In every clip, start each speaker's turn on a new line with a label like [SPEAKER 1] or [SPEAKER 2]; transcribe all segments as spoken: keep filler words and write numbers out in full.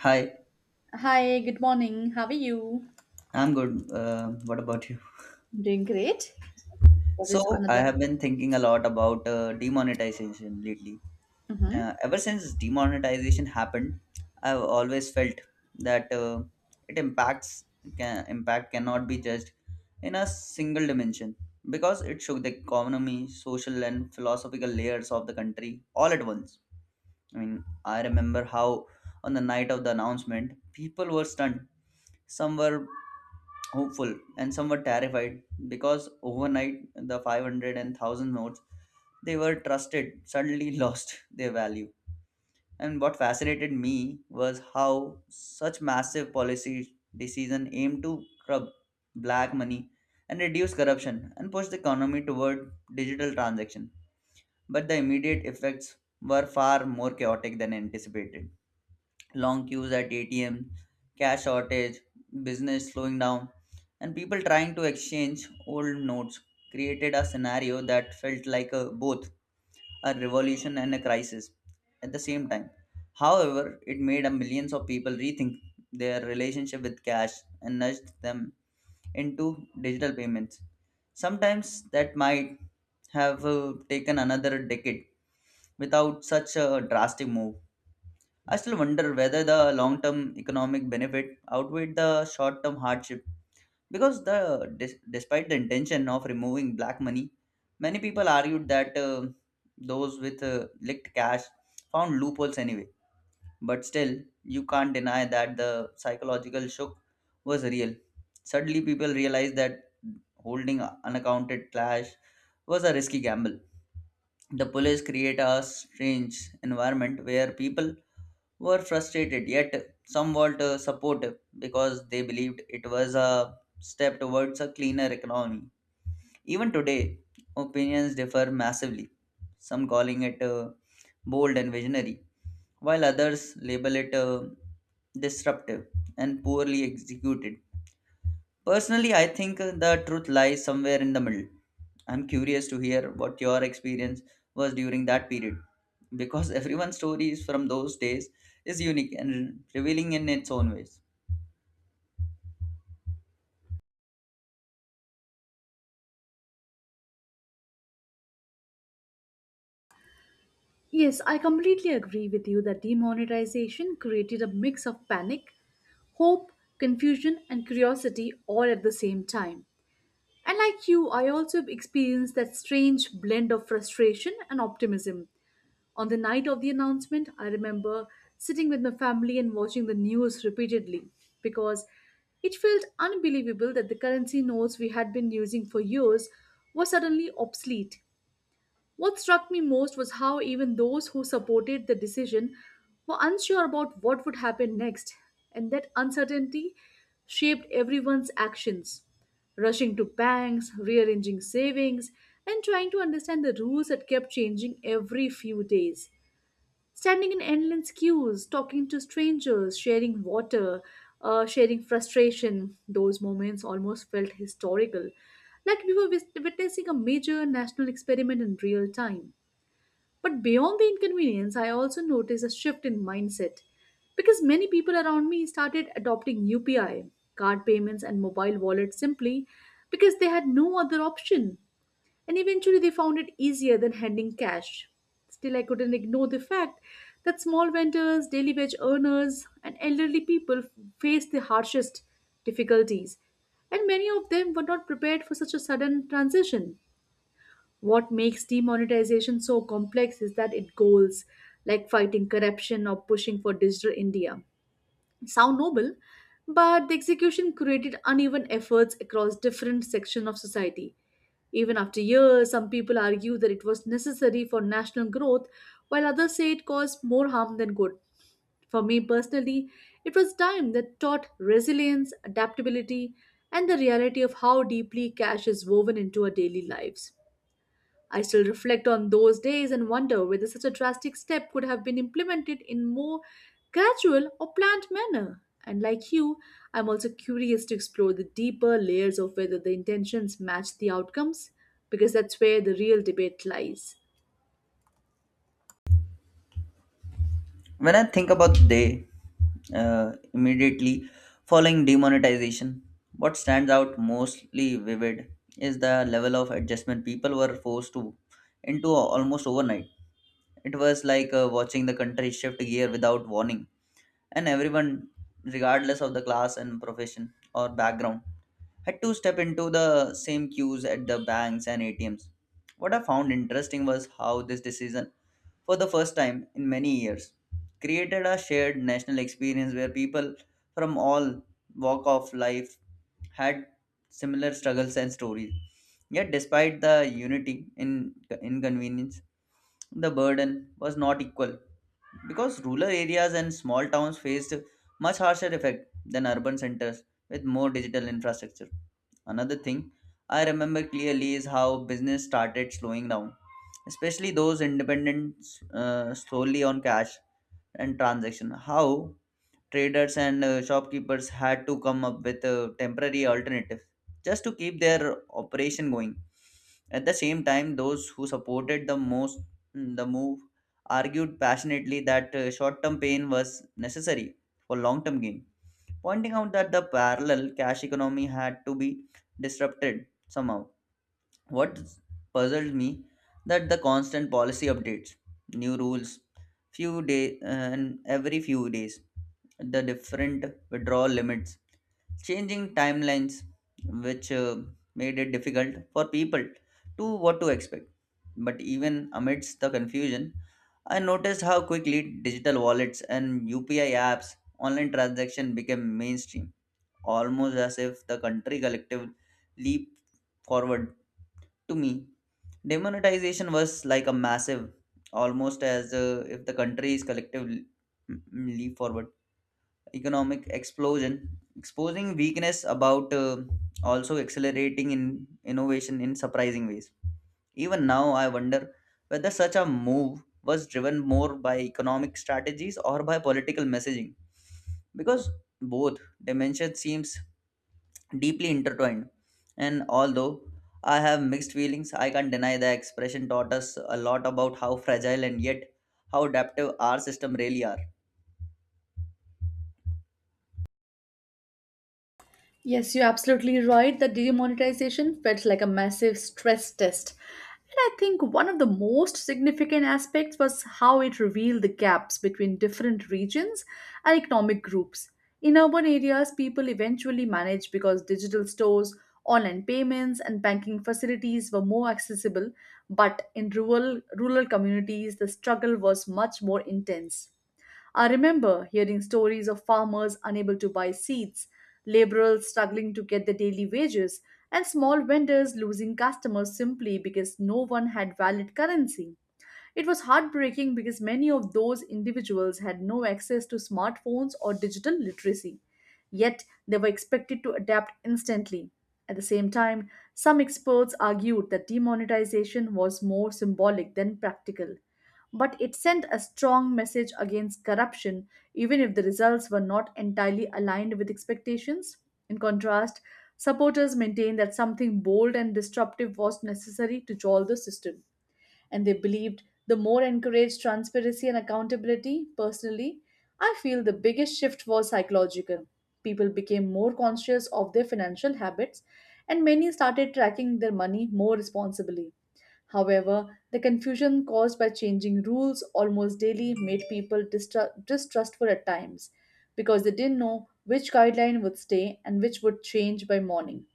[SPEAKER 1] Hi,
[SPEAKER 2] Hi, good morning. How are you?
[SPEAKER 1] I'm good. Uh, what about you?
[SPEAKER 2] I'm doing great. What is
[SPEAKER 1] So, I
[SPEAKER 2] another?
[SPEAKER 1] have been thinking a lot about uh, demonetization lately.
[SPEAKER 2] Mm-hmm.
[SPEAKER 1] Uh, ever since demonetization happened, I've always felt that uh, it impacts can, impact cannot be judged in a single dimension because it shook the economy, social, and philosophical layers of the country all at once. I mean, I remember how on the night of the announcement, people were stunned. Some were hopeful and somewhat terrified because overnight the five hundred notes they were trusted suddenly lost their value, and what fascinated me was how such massive policy decision aimed to curb black money and reduce corruption and push the economy toward digital transaction, but the immediate effects were far more chaotic than anticipated: long queues at A T M, cash shortage, business slowing down, and people trying to exchange old notes created a scenario that felt like a, both a revolution and a crisis at the same time. However, it made a millions of people rethink their relationship with cash and nudged them into digital payments. Sometimes that might have uh, taken another decade without such a drastic move. I still wonder whether the long term economic benefit outweighed the short term hardship because the dis- despite the intention of removing black money, many people argued that uh, those with uh, licked cash found loopholes anyway. But still, you can't deny that the psychological shock was real. Suddenly, people realized that holding unaccounted cash was a risky gamble. The police create a strange environment where people were frustrated yet somewhat uh, supportive because they believed it was a step towards a cleaner economy. Even today, opinions differ massively, some calling it uh, bold and visionary, while others label it uh, disruptive and poorly executed. Personally, I think uh, the truth lies somewhere in the middle. I'm curious to hear what your experience was during that period because everyone's stories from those days is unique and revealing in its own ways.
[SPEAKER 2] Yes, I completely agree with you that demonetization created a mix of panic, hope, confusion, and curiosity all at the same time. And like you, I also experienced that strange blend of frustration and optimism. On the night of the announcement, I remember sitting with my family and watching the news repeatedly because it felt unbelievable that the currency notes we had been using for years were suddenly obsolete. What struck me most was how even those who supported the decision were unsure about what would happen next, and that uncertainty shaped everyone's actions rushing to banks, rearranging savings, and trying to understand the rules that kept changing every few days standing in endless queues, talking to strangers, sharing water, uh, sharing frustration. Those moments almost felt historical, like we were wis- witnessing a major national experiment in real time. But beyond the inconvenience, I also noticed a shift in mindset because many people around me started adopting U P I, card payments, and mobile wallets simply because they had no other option and eventually they found it easier than handing cash. Still, I couldn't ignore the fact that small vendors, daily wage earners, and elderly people face the harshest difficulties, and many of them were not prepared for such a sudden transition. What makes demonetization so complex is that it goals like fighting corruption or pushing for digital India sound noble, but the execution created uneven efforts across different sections of society. Even after years, some people argue that it was necessary for national growth, while others say it caused more harm than good. For me personally, it was time that taught resilience, adaptability, and the reality of how deeply cash is woven into our daily lives. I still reflect on those days and wonder whether such a drastic step could have been implemented in more gradual or planned manner. And like you, I'm also curious to explore the deeper layers of whether the intentions match the outcomes, because that's where the real debate lies.
[SPEAKER 1] When I think about the day uh, immediately following demonetization, what stands out mostly vivid is the level of adjustment people were forced to into almost overnight. It was like uh, watching the country shift gear without warning, and everyone, regardless of the class and profession or background, had to step into the same queues at the banks and A T Ms. What I found interesting was how this decision, for the first time in many years, created a shared national experience where people from all walk of life had similar struggles and stories. Yet, despite the unity in inconvenience, the burden was not equal because rural areas and small towns faced much harsher effect than urban centers with more digital infrastructure. Another thing I remember clearly is how business started slowing down, especially those independent uh, solely on cash and transaction. How traders and uh, shopkeepers had to come up with a temporary alternative just to keep their operation going. At the same time, those who supported the most mm, the move argued passionately that uh, short-term pain was necessary for long-term gain, pointing out that the parallel cash economy had to be disrupted somehow. What puzzled me that the constant policy updates, new rules, few day uh, and every few days the different withdrawal limits, changing timelines, which uh, made it difficult for people to what to expect. But even amidst the confusion, I noticed how quickly digital wallets and U P I apps, online transaction became mainstream, almost as if the country collective leaped forward. To me, demonetization was like a massive, almost as uh, if the country is collective l- m- leap forward economic explosion, exposing weakness about uh, also accelerating in innovation in surprising ways. Even now, I wonder whether such a move was driven more by economic strategies or by political messaging, because both dimensions seems deeply intertwined. And although I have mixed feelings, I can't deny the expression taught us a lot about how fragile and yet how adaptive our system really are.
[SPEAKER 2] Yes, you're absolutely right. The demonetization felt like a massive stress test. And I think one of the most significant aspects was how it revealed the gaps between different regions and economic groups. In urban areas, people eventually managed because digital stores, online payments, and banking facilities were more accessible. But in rural, rural communities, the struggle was much more intense. I remember hearing stories of farmers unable to buy seeds, laborers struggling to get their daily wages, and small vendors losing customers simply because no one had valid currency. It was heartbreaking because many of those individuals had no access to smartphones or digital literacy, yet they were expected to adapt instantly. At the same time, some experts argued that demonetization was more symbolic than practical but it sent a strong message against corruption, even if the results were not entirely aligned with expectations. In contrast, supporters maintained that something bold and disruptive was necessary to jolt the system, and they believed the more encouraged transparency and accountability. Personally, I feel the biggest shift was psychological. People became more conscious of their financial habits, and many started tracking their money more responsibly. However, the confusion caused by changing rules almost daily made people distru- distrustful at times because they didn't know which guideline would stay and which would change by morning.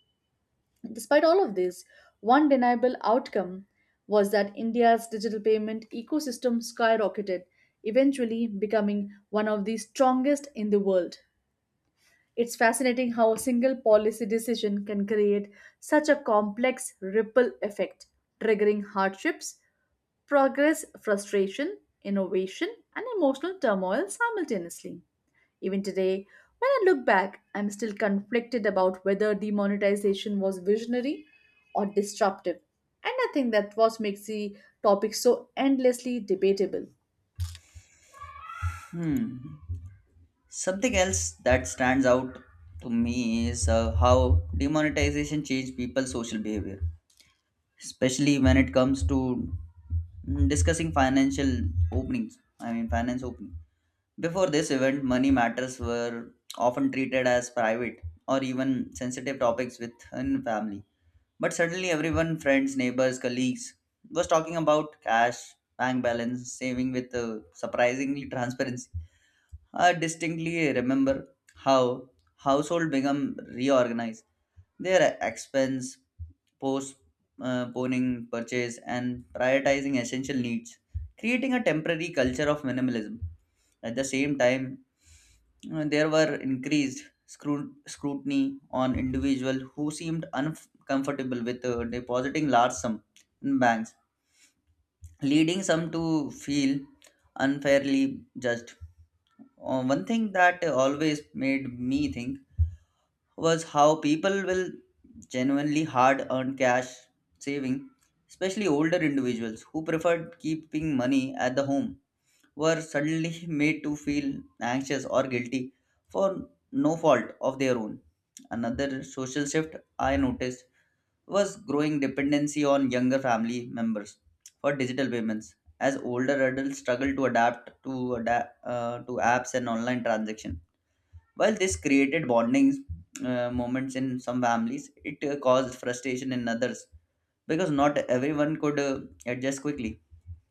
[SPEAKER 2] Despite all of this, one deniable outcome was that India's digital payment ecosystem skyrocketed, eventually becoming one of the strongest in the world. It's fascinating how a single policy decision can create such a complex ripple effect, triggering hardships progress, frustration, innovation, and emotional turmoil simultaneously. Even today, when I look back, I'm still conflicted about whether demonetization was visionary or disruptive. And I think that what makes the topic so endlessly debatable.
[SPEAKER 1] Hmm. Something else that stands out to me is uh, how demonetization changed people's social behavior, especially when it comes to mm, discussing financial openings. I mean, finance opening. Before this event, money matters were often treated as private or even sensitive topics within family. But suddenly, everyone, friends, neighbors, colleagues, was talking about cash, bank balance, saving with uh, surprisingly transparency. I distinctly remember how household become reorganized. Their expense, postponing purchase, and prioritizing essential needs, creating a temporary culture of minimalism. At the same time, you there were increased scru- scrutiny on individuals who seemed uncomfortable with uh, depositing large sums in banks, leading some to feel unfairly judged. Uh, one thing that always made me think was how people will genuinely hard earned cash saving, especially older individuals who preferred keeping money at the home were suddenly made to feel anxious or guilty for no fault of their own. Another social shift I noticed was growing dependency on younger family members for digital payments as older adults struggle to adapt to adapt uh, to apps and online transactions, while this created bonding uh, moments in some families. It uh, caused frustration in others because not everyone could uh, adjust quickly.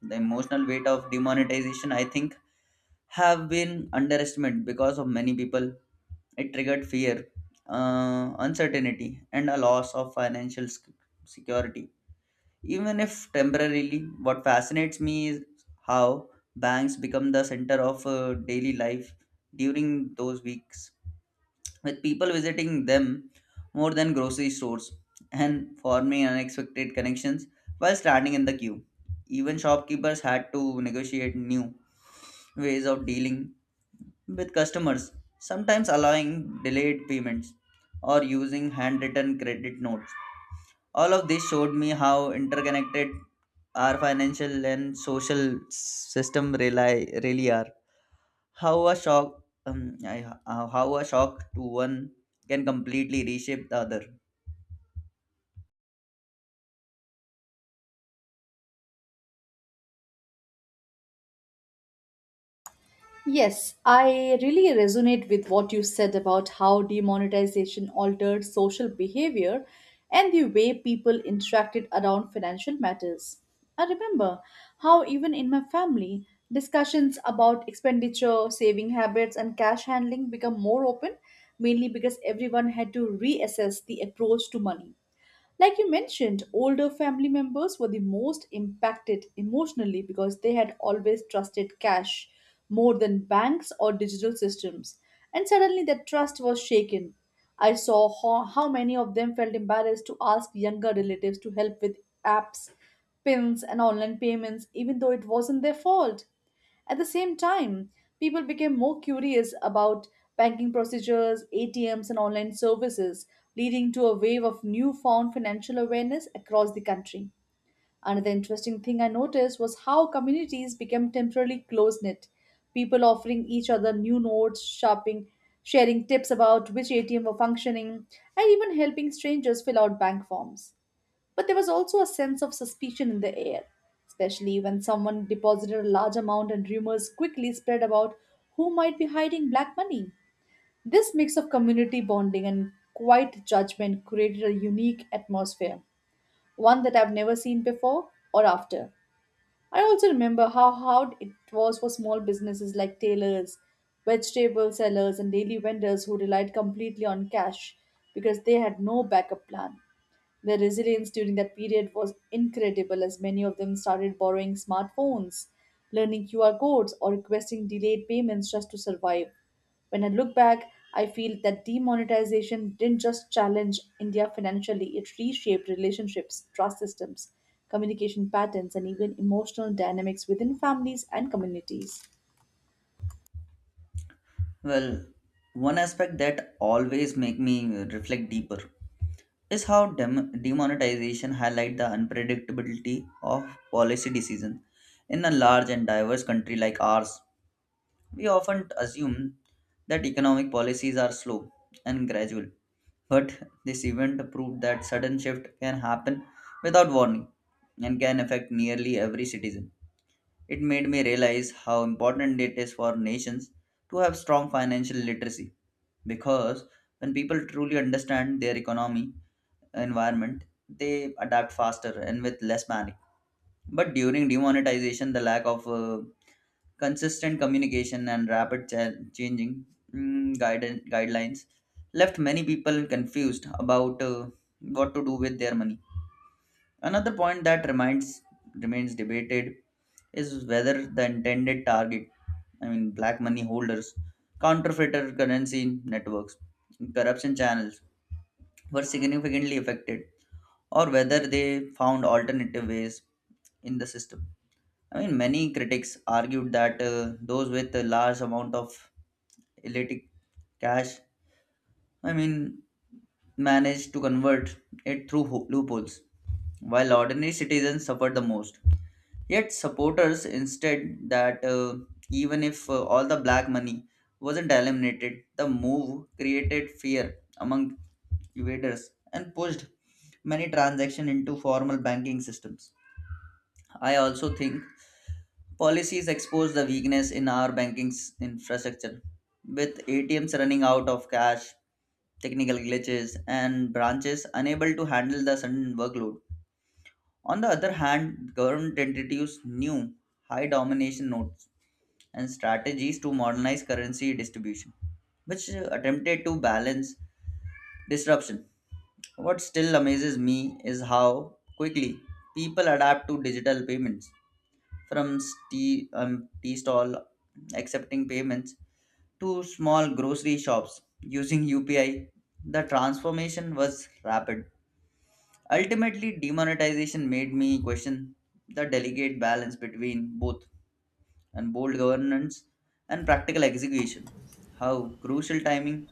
[SPEAKER 1] The emotional weight of demonetization, I think, have been underestimated because of many people. It triggered fear, uh, uncertainty, and a loss of financial sec- security. Even if temporarily, what fascinates me is how banks become the center of uh, daily life during those weeks, with people visiting them more than grocery stores and forming unexpected connections while standing in the queue. Even shopkeepers had to negotiate new ways of dealing with customers, sometimes allowing delayed payments or using handwritten credit notes. All of this showed me how interconnected our financial and social system rely, really are. How a shock, um, I, uh, how a shock to one can completely reshape the other.
[SPEAKER 2] Yes, I really resonate with what you said about how demonetization altered social behavior and the way people interacted around financial matters. I remember how, even in my family, discussions about expenditure, saving habits, and cash handling become more open, mainly because everyone had to reassess the approach to money. Like you mentioned, older family members were the most impacted emotionally because they had always trusted cash more than banks or digital systems. And suddenly that trust was shaken. I saw how, how many of them felt embarrassed to ask younger relatives to help with apps, pins, and online payments, even though it wasn't their fault. At the same time, people became more curious about banking procedures, A T Ms, and online services, leading to a wave of newfound financial awareness across the country. Another interesting thing I noticed was how communities became temporarily close knit, people offering each other new notes, shopping, sharing tips about which A T M were functioning, and even helping strangers fill out bank forms. But there was also a sense of suspicion in the air, especially when someone deposited a large amount and rumors quickly spread about who might be hiding black money. This mix of community bonding and quiet judgment created a unique atmosphere, one that I've never seen before or after. I also remember how hard it was for small businesses like tailors, vegetable sellers, and daily vendors who relied completely on cash because they had no backup plan. Their resilience during that period was incredible as many of them started borrowing smartphones, learning Q R codes, or requesting delayed payments just to survive. When I look back, I feel that demonetization didn't just challenge India financially, it reshaped relationships, trust systems, communication patterns, and even emotional dynamics within families and communities.
[SPEAKER 1] Well, one aspect that always make me reflect deeper is how dem- demonetization highlight the unpredictability of policy decisions. In a large and diverse country like ours, we often assume that economic policies are slow and gradual, but this event proved that sudden shift can happen without warning and can affect nearly every citizen. It made me realize how important it is for nations to have strong financial literacy because when people truly understand their economy environment, they adapt faster and with less panic. But during demonetization, the lack of uh, consistent communication and rapid cha- changing mm, guide- guidelines left many people confused about uh, what to do with their money. Another point that remains remains debated is whether the intended target, I mean black money holders, counterfeiter currency networks, corruption channels, were significantly affected or whether they found alternative ways in the system. I mean, many critics argued that uh, those with a large amount of illitic cash, I mean, managed to convert it through ho- loopholes, while ordinary citizens suffered the most. Yet supporters instead that uh, even if uh, all the black money wasn't eliminated, the move created fear among evaders and pushed many transactions into formal banking systems. I also think policies expose the weakness in our banking s- infrastructure. With A T Ms running out of cash, technical glitches, and branches unable to handle the sudden workload. On the other hand, government entities knew high domination nodes and strategies to modernize currency distribution, which uh, attempted to balance disruption. What still amazes me is how quickly people adapt to digital payments from tea, um, tea stall accepting payments to small grocery shops using U P I. The transformation was rapid. Ultimately, demonetization made me question the delicate balance between both and bold governance and practical execution. How crucial timing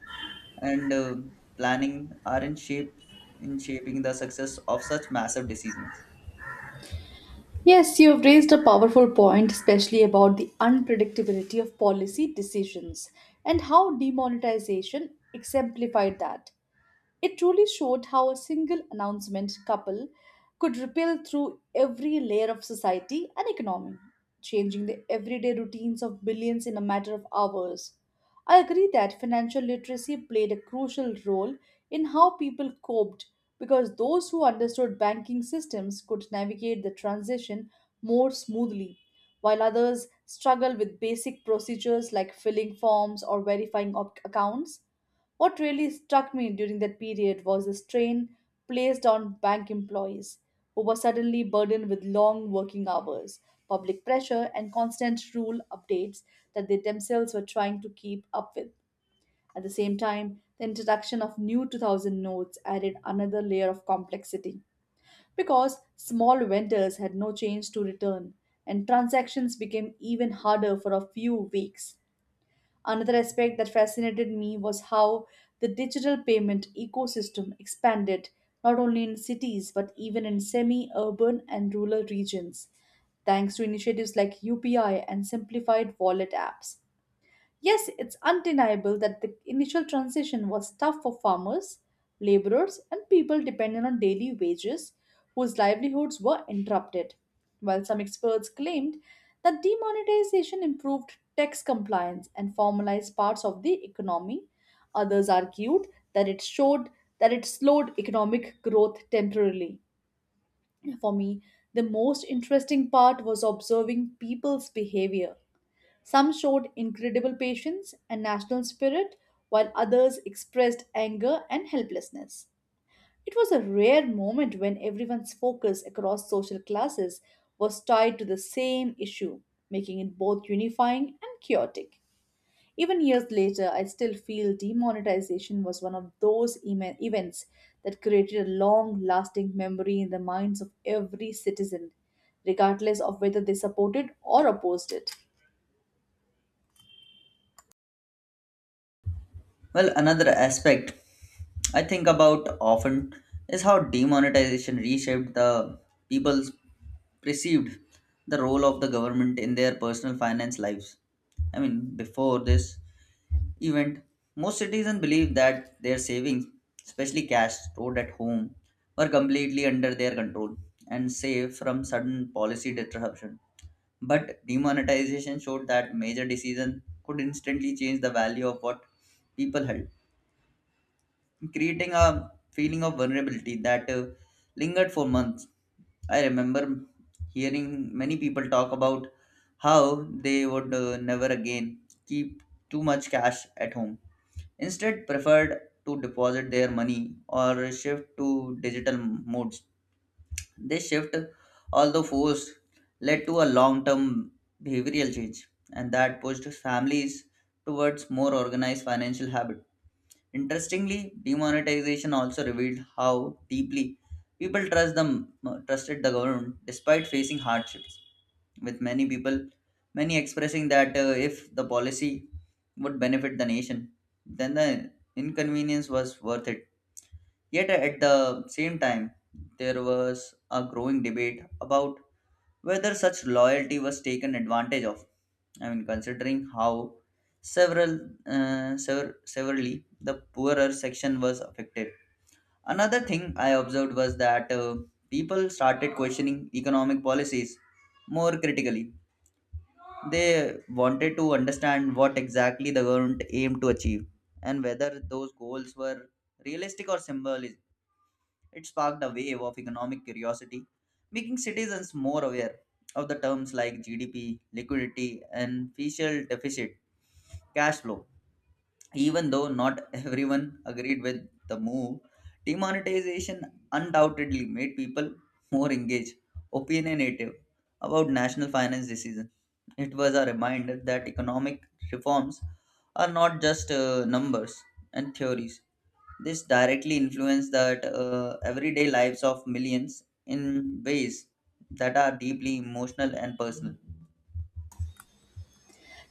[SPEAKER 1] and uh, planning are in shape in shaping the success of such massive decisions.
[SPEAKER 2] Yes, you've raised a powerful point, especially about the unpredictability of policy decisions and how demonetization exemplified that. It truly showed how a single announcement couple could ripple through every layer of society and economy, changing the everyday routines of billions in a matter of hours. I agree that financial literacy played a crucial role in how people coped because those who understood banking systems could navigate the transition more smoothly, while others struggle with basic procedures like filling forms or verifying op- accounts. What really struck me during that period was the strain placed on bank employees, who were suddenly burdened with long working hours, public pressure, and constant rule updates that they themselves were trying to keep up with. At the same time, the introduction of new two thousand notes added another layer of complexity because small vendors had no change to return and transactions became even harder for a few weeks. Another aspect that fascinated me was how the digital payment ecosystem expanded not only in cities but even in semi urban and rural regions, thanks to initiatives like U P I and simplified wallet apps. Yes, it's undeniable that the initial transition was tough for farmers, laborers, and people dependent on daily wages whose livelihoods were interrupted. While some experts claimed that demonetization improved tax compliance and formalized parts of the economy, others argued that it showed that it slowed economic growth temporarily. For me, the most interesting part was observing people's behavior some showed incredible patience and national spirit, while others expressed anger and helplessness. It was a rare moment when everyone's focus across social classes was tied to the same issue, making it both unifying and chaotic. Even years later, I still feel demonetization was one of those ema- events that created a long lasting memory in the minds of every citizen, regardless of whether they supported or opposed it.
[SPEAKER 1] Well, another aspect I think about often is how demonetization reshaped the people's perceived the role of the government in their personal finance lives. I mean, before this, event, most citizens believed that their savings, especially cash stored at home, were completely under their control and safe from sudden policy disruption. But demonetization showed that major decisions could instantly change the value of what people held, creating a feeling of vulnerability that uh, lingered for months. I remember hearing many people talk about how they would uh, never again keep too much cash at home instead preferred to deposit their money or shift to digital modes. This shift, although forced, led to a long term behavioral change and that pushed families towards more organized financial habits. Interestingly, demonetization also revealed how deeply people trust them, uh, trusted the government despite facing hardships with many people, many expressing that uh, if the policy would benefit the nation, then the inconvenience was worth it. Yet, uh, at the same time, there was a growing debate about whether such loyalty was taken advantage of. I mean, considering how several uh, sever- severely the poorer section was affected. Another thing I observed was that uh, people started questioning economic policies more critically. They wanted to understand what exactly the government aimed to achieve and whether those goals were realistic or symbolic. It sparked a wave of economic curiosity, making citizens more aware of the terms like G D P, liquidity, and fiscal deficit, cash flow. Even though not everyone agreed with the move, demonetization undoubtedly made people more engaged, opinionative about national finance decisions. It was a reminder that economic reforms are not just uh, numbers and theories. This directly influenced that uh, everyday lives of millions in ways that are deeply emotional and personal.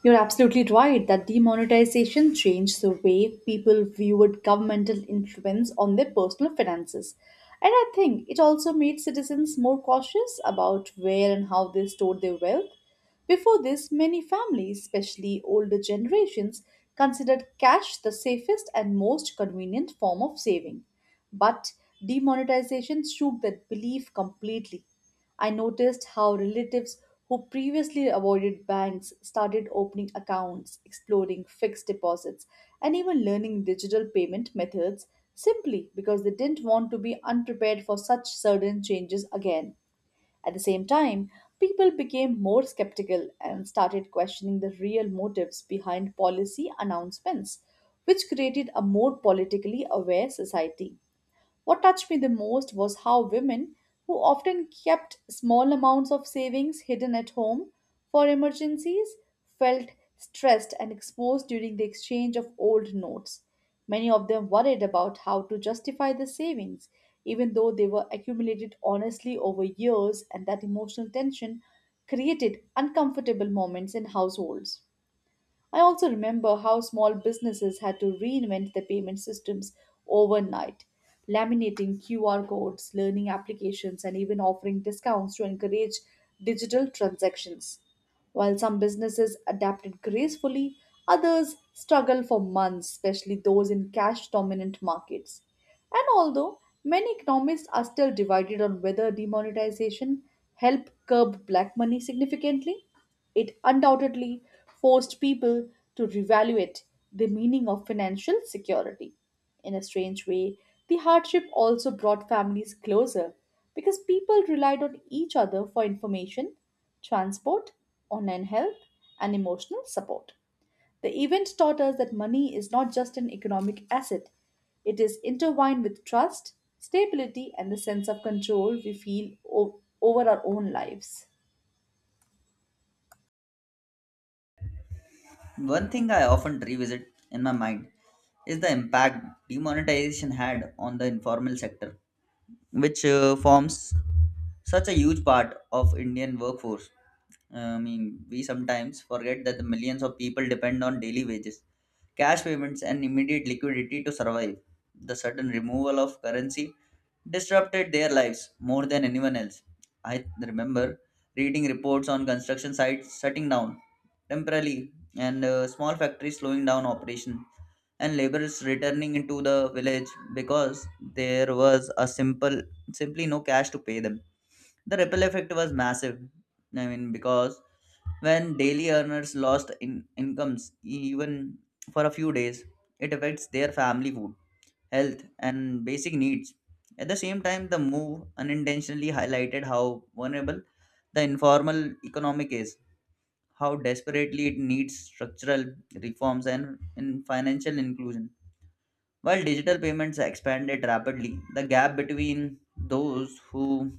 [SPEAKER 2] You're absolutely right that demonetization changed the way people viewed governmental influence on their personal finances. And I think it also made citizens more cautious about where and how they stored their wealth. Before this, many families, especially older generations, considered cash the safest and most convenient form of saving. But demonetization shook that belief completely. I noticed how relatives who previously avoided banks started opening accounts, exploring fixed deposits, and even learning digital payment methods simply because they didn't want to be unprepared for such sudden changes again. At the same time, people became more skeptical and started questioning the real motives behind policy announcements, which created a more politically aware society. What touched me the most was how women, who often kept small amounts of savings hidden at home for emergencies, felt stressed and exposed during the exchange of old notes. Many of them worried about how to justify the savings, even though they were accumulated honestly over years, and that emotional tension created uncomfortable moments in households. I also remember how small businesses had to reinvent their payment systems overnight, laminating Q R codes, learning applications, and even offering discounts to encourage digital transactions. While some businesses adapted gracefully, others struggled for months, especially those in cash dominant markets. And although many economists are still divided on whether demonetization helped curb black money significantly, it undoubtedly forced people to reevaluate the meaning of financial security. In a strange way, the hardship also brought families closer because people relied on each other for information, transport, online help, and emotional support. The event taught us that money is not just an economic asset, it is intertwined with trust, stability, and the sense of control we feel o- over our own lives.
[SPEAKER 1] One thing I often revisit in my mind is the impact demonetization had on the informal sector, which uh, forms such a huge part of Indian workforce. I mean, we sometimes forget that the millions of people depend on daily wages, cash payments, and immediate liquidity to survive. The sudden removal of currency disrupted their lives more than anyone else. I remember reading reports on construction sites shutting down temporarily, and uh, small factories slowing down operation, and laborers returning into the village because there was a simple simply no cash to pay them. The ripple effect was massive. I mean, because when daily earners lost in- incomes, even for a few days, it affects their family food, health, and basic needs. At the same time, the move unintentionally highlighted how vulnerable the informal economic is, how desperately it needs structural reforms and in financial inclusion. While digital payments expanded rapidly, the gap between those who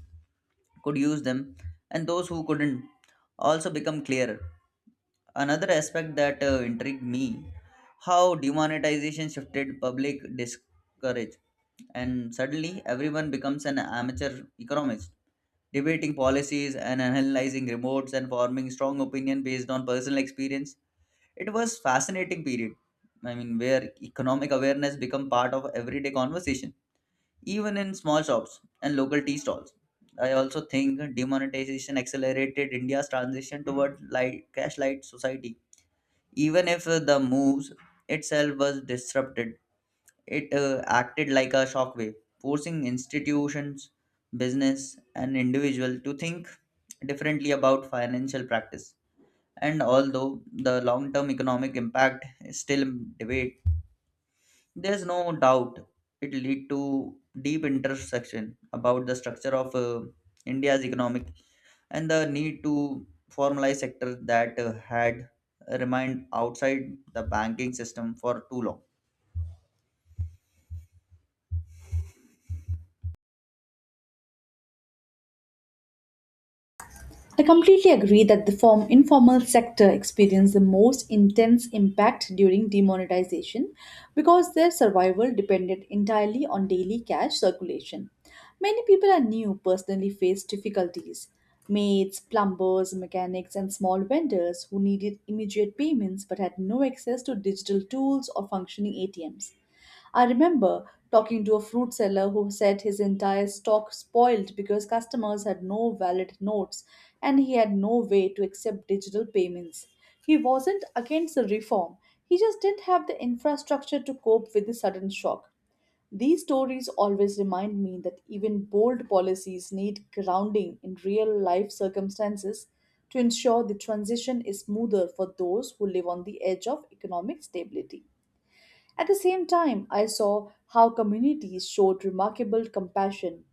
[SPEAKER 1] could use them, and those who couldn't, also become clearer. Another aspect that uh, intrigued me, how demonetization shifted public discourage, and suddenly everyone becomes an amateur economist, debating policies and analyzing reports and forming strong opinion based on personal experience. It was fascinating period. I mean, where economic awareness become part of everyday conversation even in small shops and local tea stalls. I also think demonetization accelerated India's transition toward light, cash light society. Even if uh, the moves itself was disrupted, it uh, acted like a shockwave, forcing institutions, business, and individual to think differently about financial practice. And although the long term economic impact is still in debate, there's no doubt it lead to deep intersection about the structure of uh, India's economic and the need to formalize sector that uh, had remained outside the banking system for too long.
[SPEAKER 2] I completely agree that the form, informal sector experienced the most intense impact during demonetization because their survival depended entirely on daily cash circulation. Many people I knew personally faced difficulties. Maids, plumbers, mechanics, and small vendors who needed immediate payments but had no access to digital tools or functioning A T Ms. I remember talking to a fruit seller who said his entire stock spoiled because customers had no valid notes and he had no way to accept digital payments. He wasn't against the reform, he just didn't have the infrastructure to cope with the sudden shock. These stories always remind me that even bold policies need grounding in real life circumstances to ensure the transition is smoother for those who live on the edge of economic stability. At the same time, I saw how communities showed remarkable compassion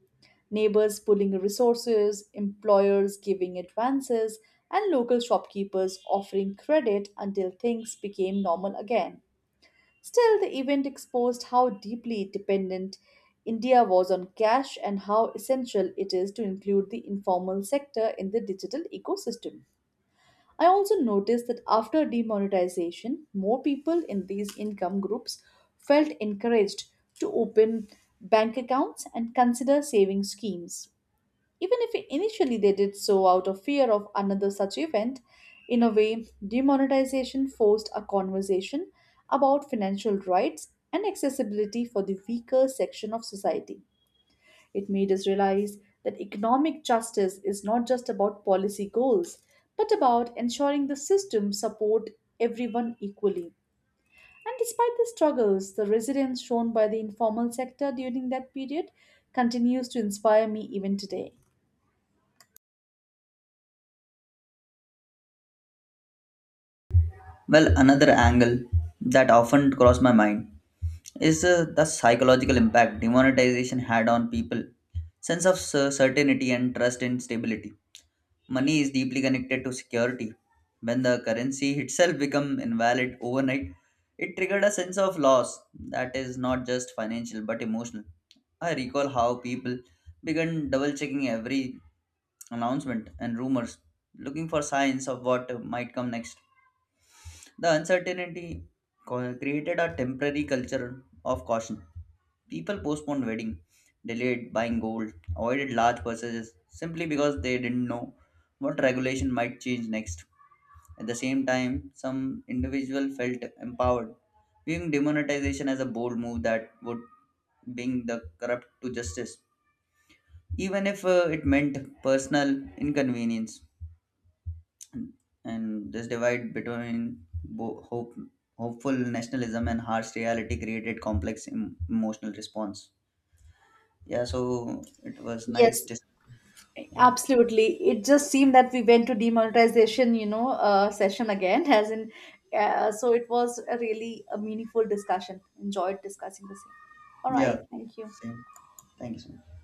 [SPEAKER 2] neighbors pooling resources, employers giving advances, and local shopkeepers offering credit until things became normal again. Still, the event exposed how deeply dependent India was on cash and how essential it is to include the informal sector in the digital ecosystem. I also noticed that after demonetization, more people in these income groups felt encouraged to open bank accounts and consider saving schemes. Even if initially they did so out of fear of another such event, in a way, demonetization forced a conversation about financial rights and accessibility for the weaker section of society. It made us realize that economic justice is not just about policy goals, but about ensuring the system support everyone equally. And despite the struggles, the resilience shown by the informal sector during that period continues to inspire me even today.
[SPEAKER 1] Well, another angle that often crossed my mind is uh, the psychological impact demonetization had on people sense of cer- certainty and trust in stability. Money is deeply connected to security. When the currency itself become invalid overnight, it triggered a sense of loss that is not just financial but emotional. I recall how people began double checking every announcement and rumors, looking for signs of what might come next. The uncertainty co- created a temporary culture of caution. People postponed wedding, delayed buying gold, avoided large purchases simply because they didn't know what regulation might change next. At the same time, some individual felt empowered, viewing demonetization as a bold move that would bring the corrupt to justice, even if uh, it meant personal inconvenience. And this divide between bo- hope, hopeful nationalism and harsh reality created complex em- emotional response. Yeah, so it was nice
[SPEAKER 2] Yes,
[SPEAKER 1] dis- yeah.
[SPEAKER 2] absolutely. It just seemed that we went to demonetization, you know, uh, session again, as in, uh, so it was a really a meaningful discussion. Enjoyed discussing the same. All
[SPEAKER 1] Yeah,
[SPEAKER 2] right, thank you.
[SPEAKER 1] same, thank you so much.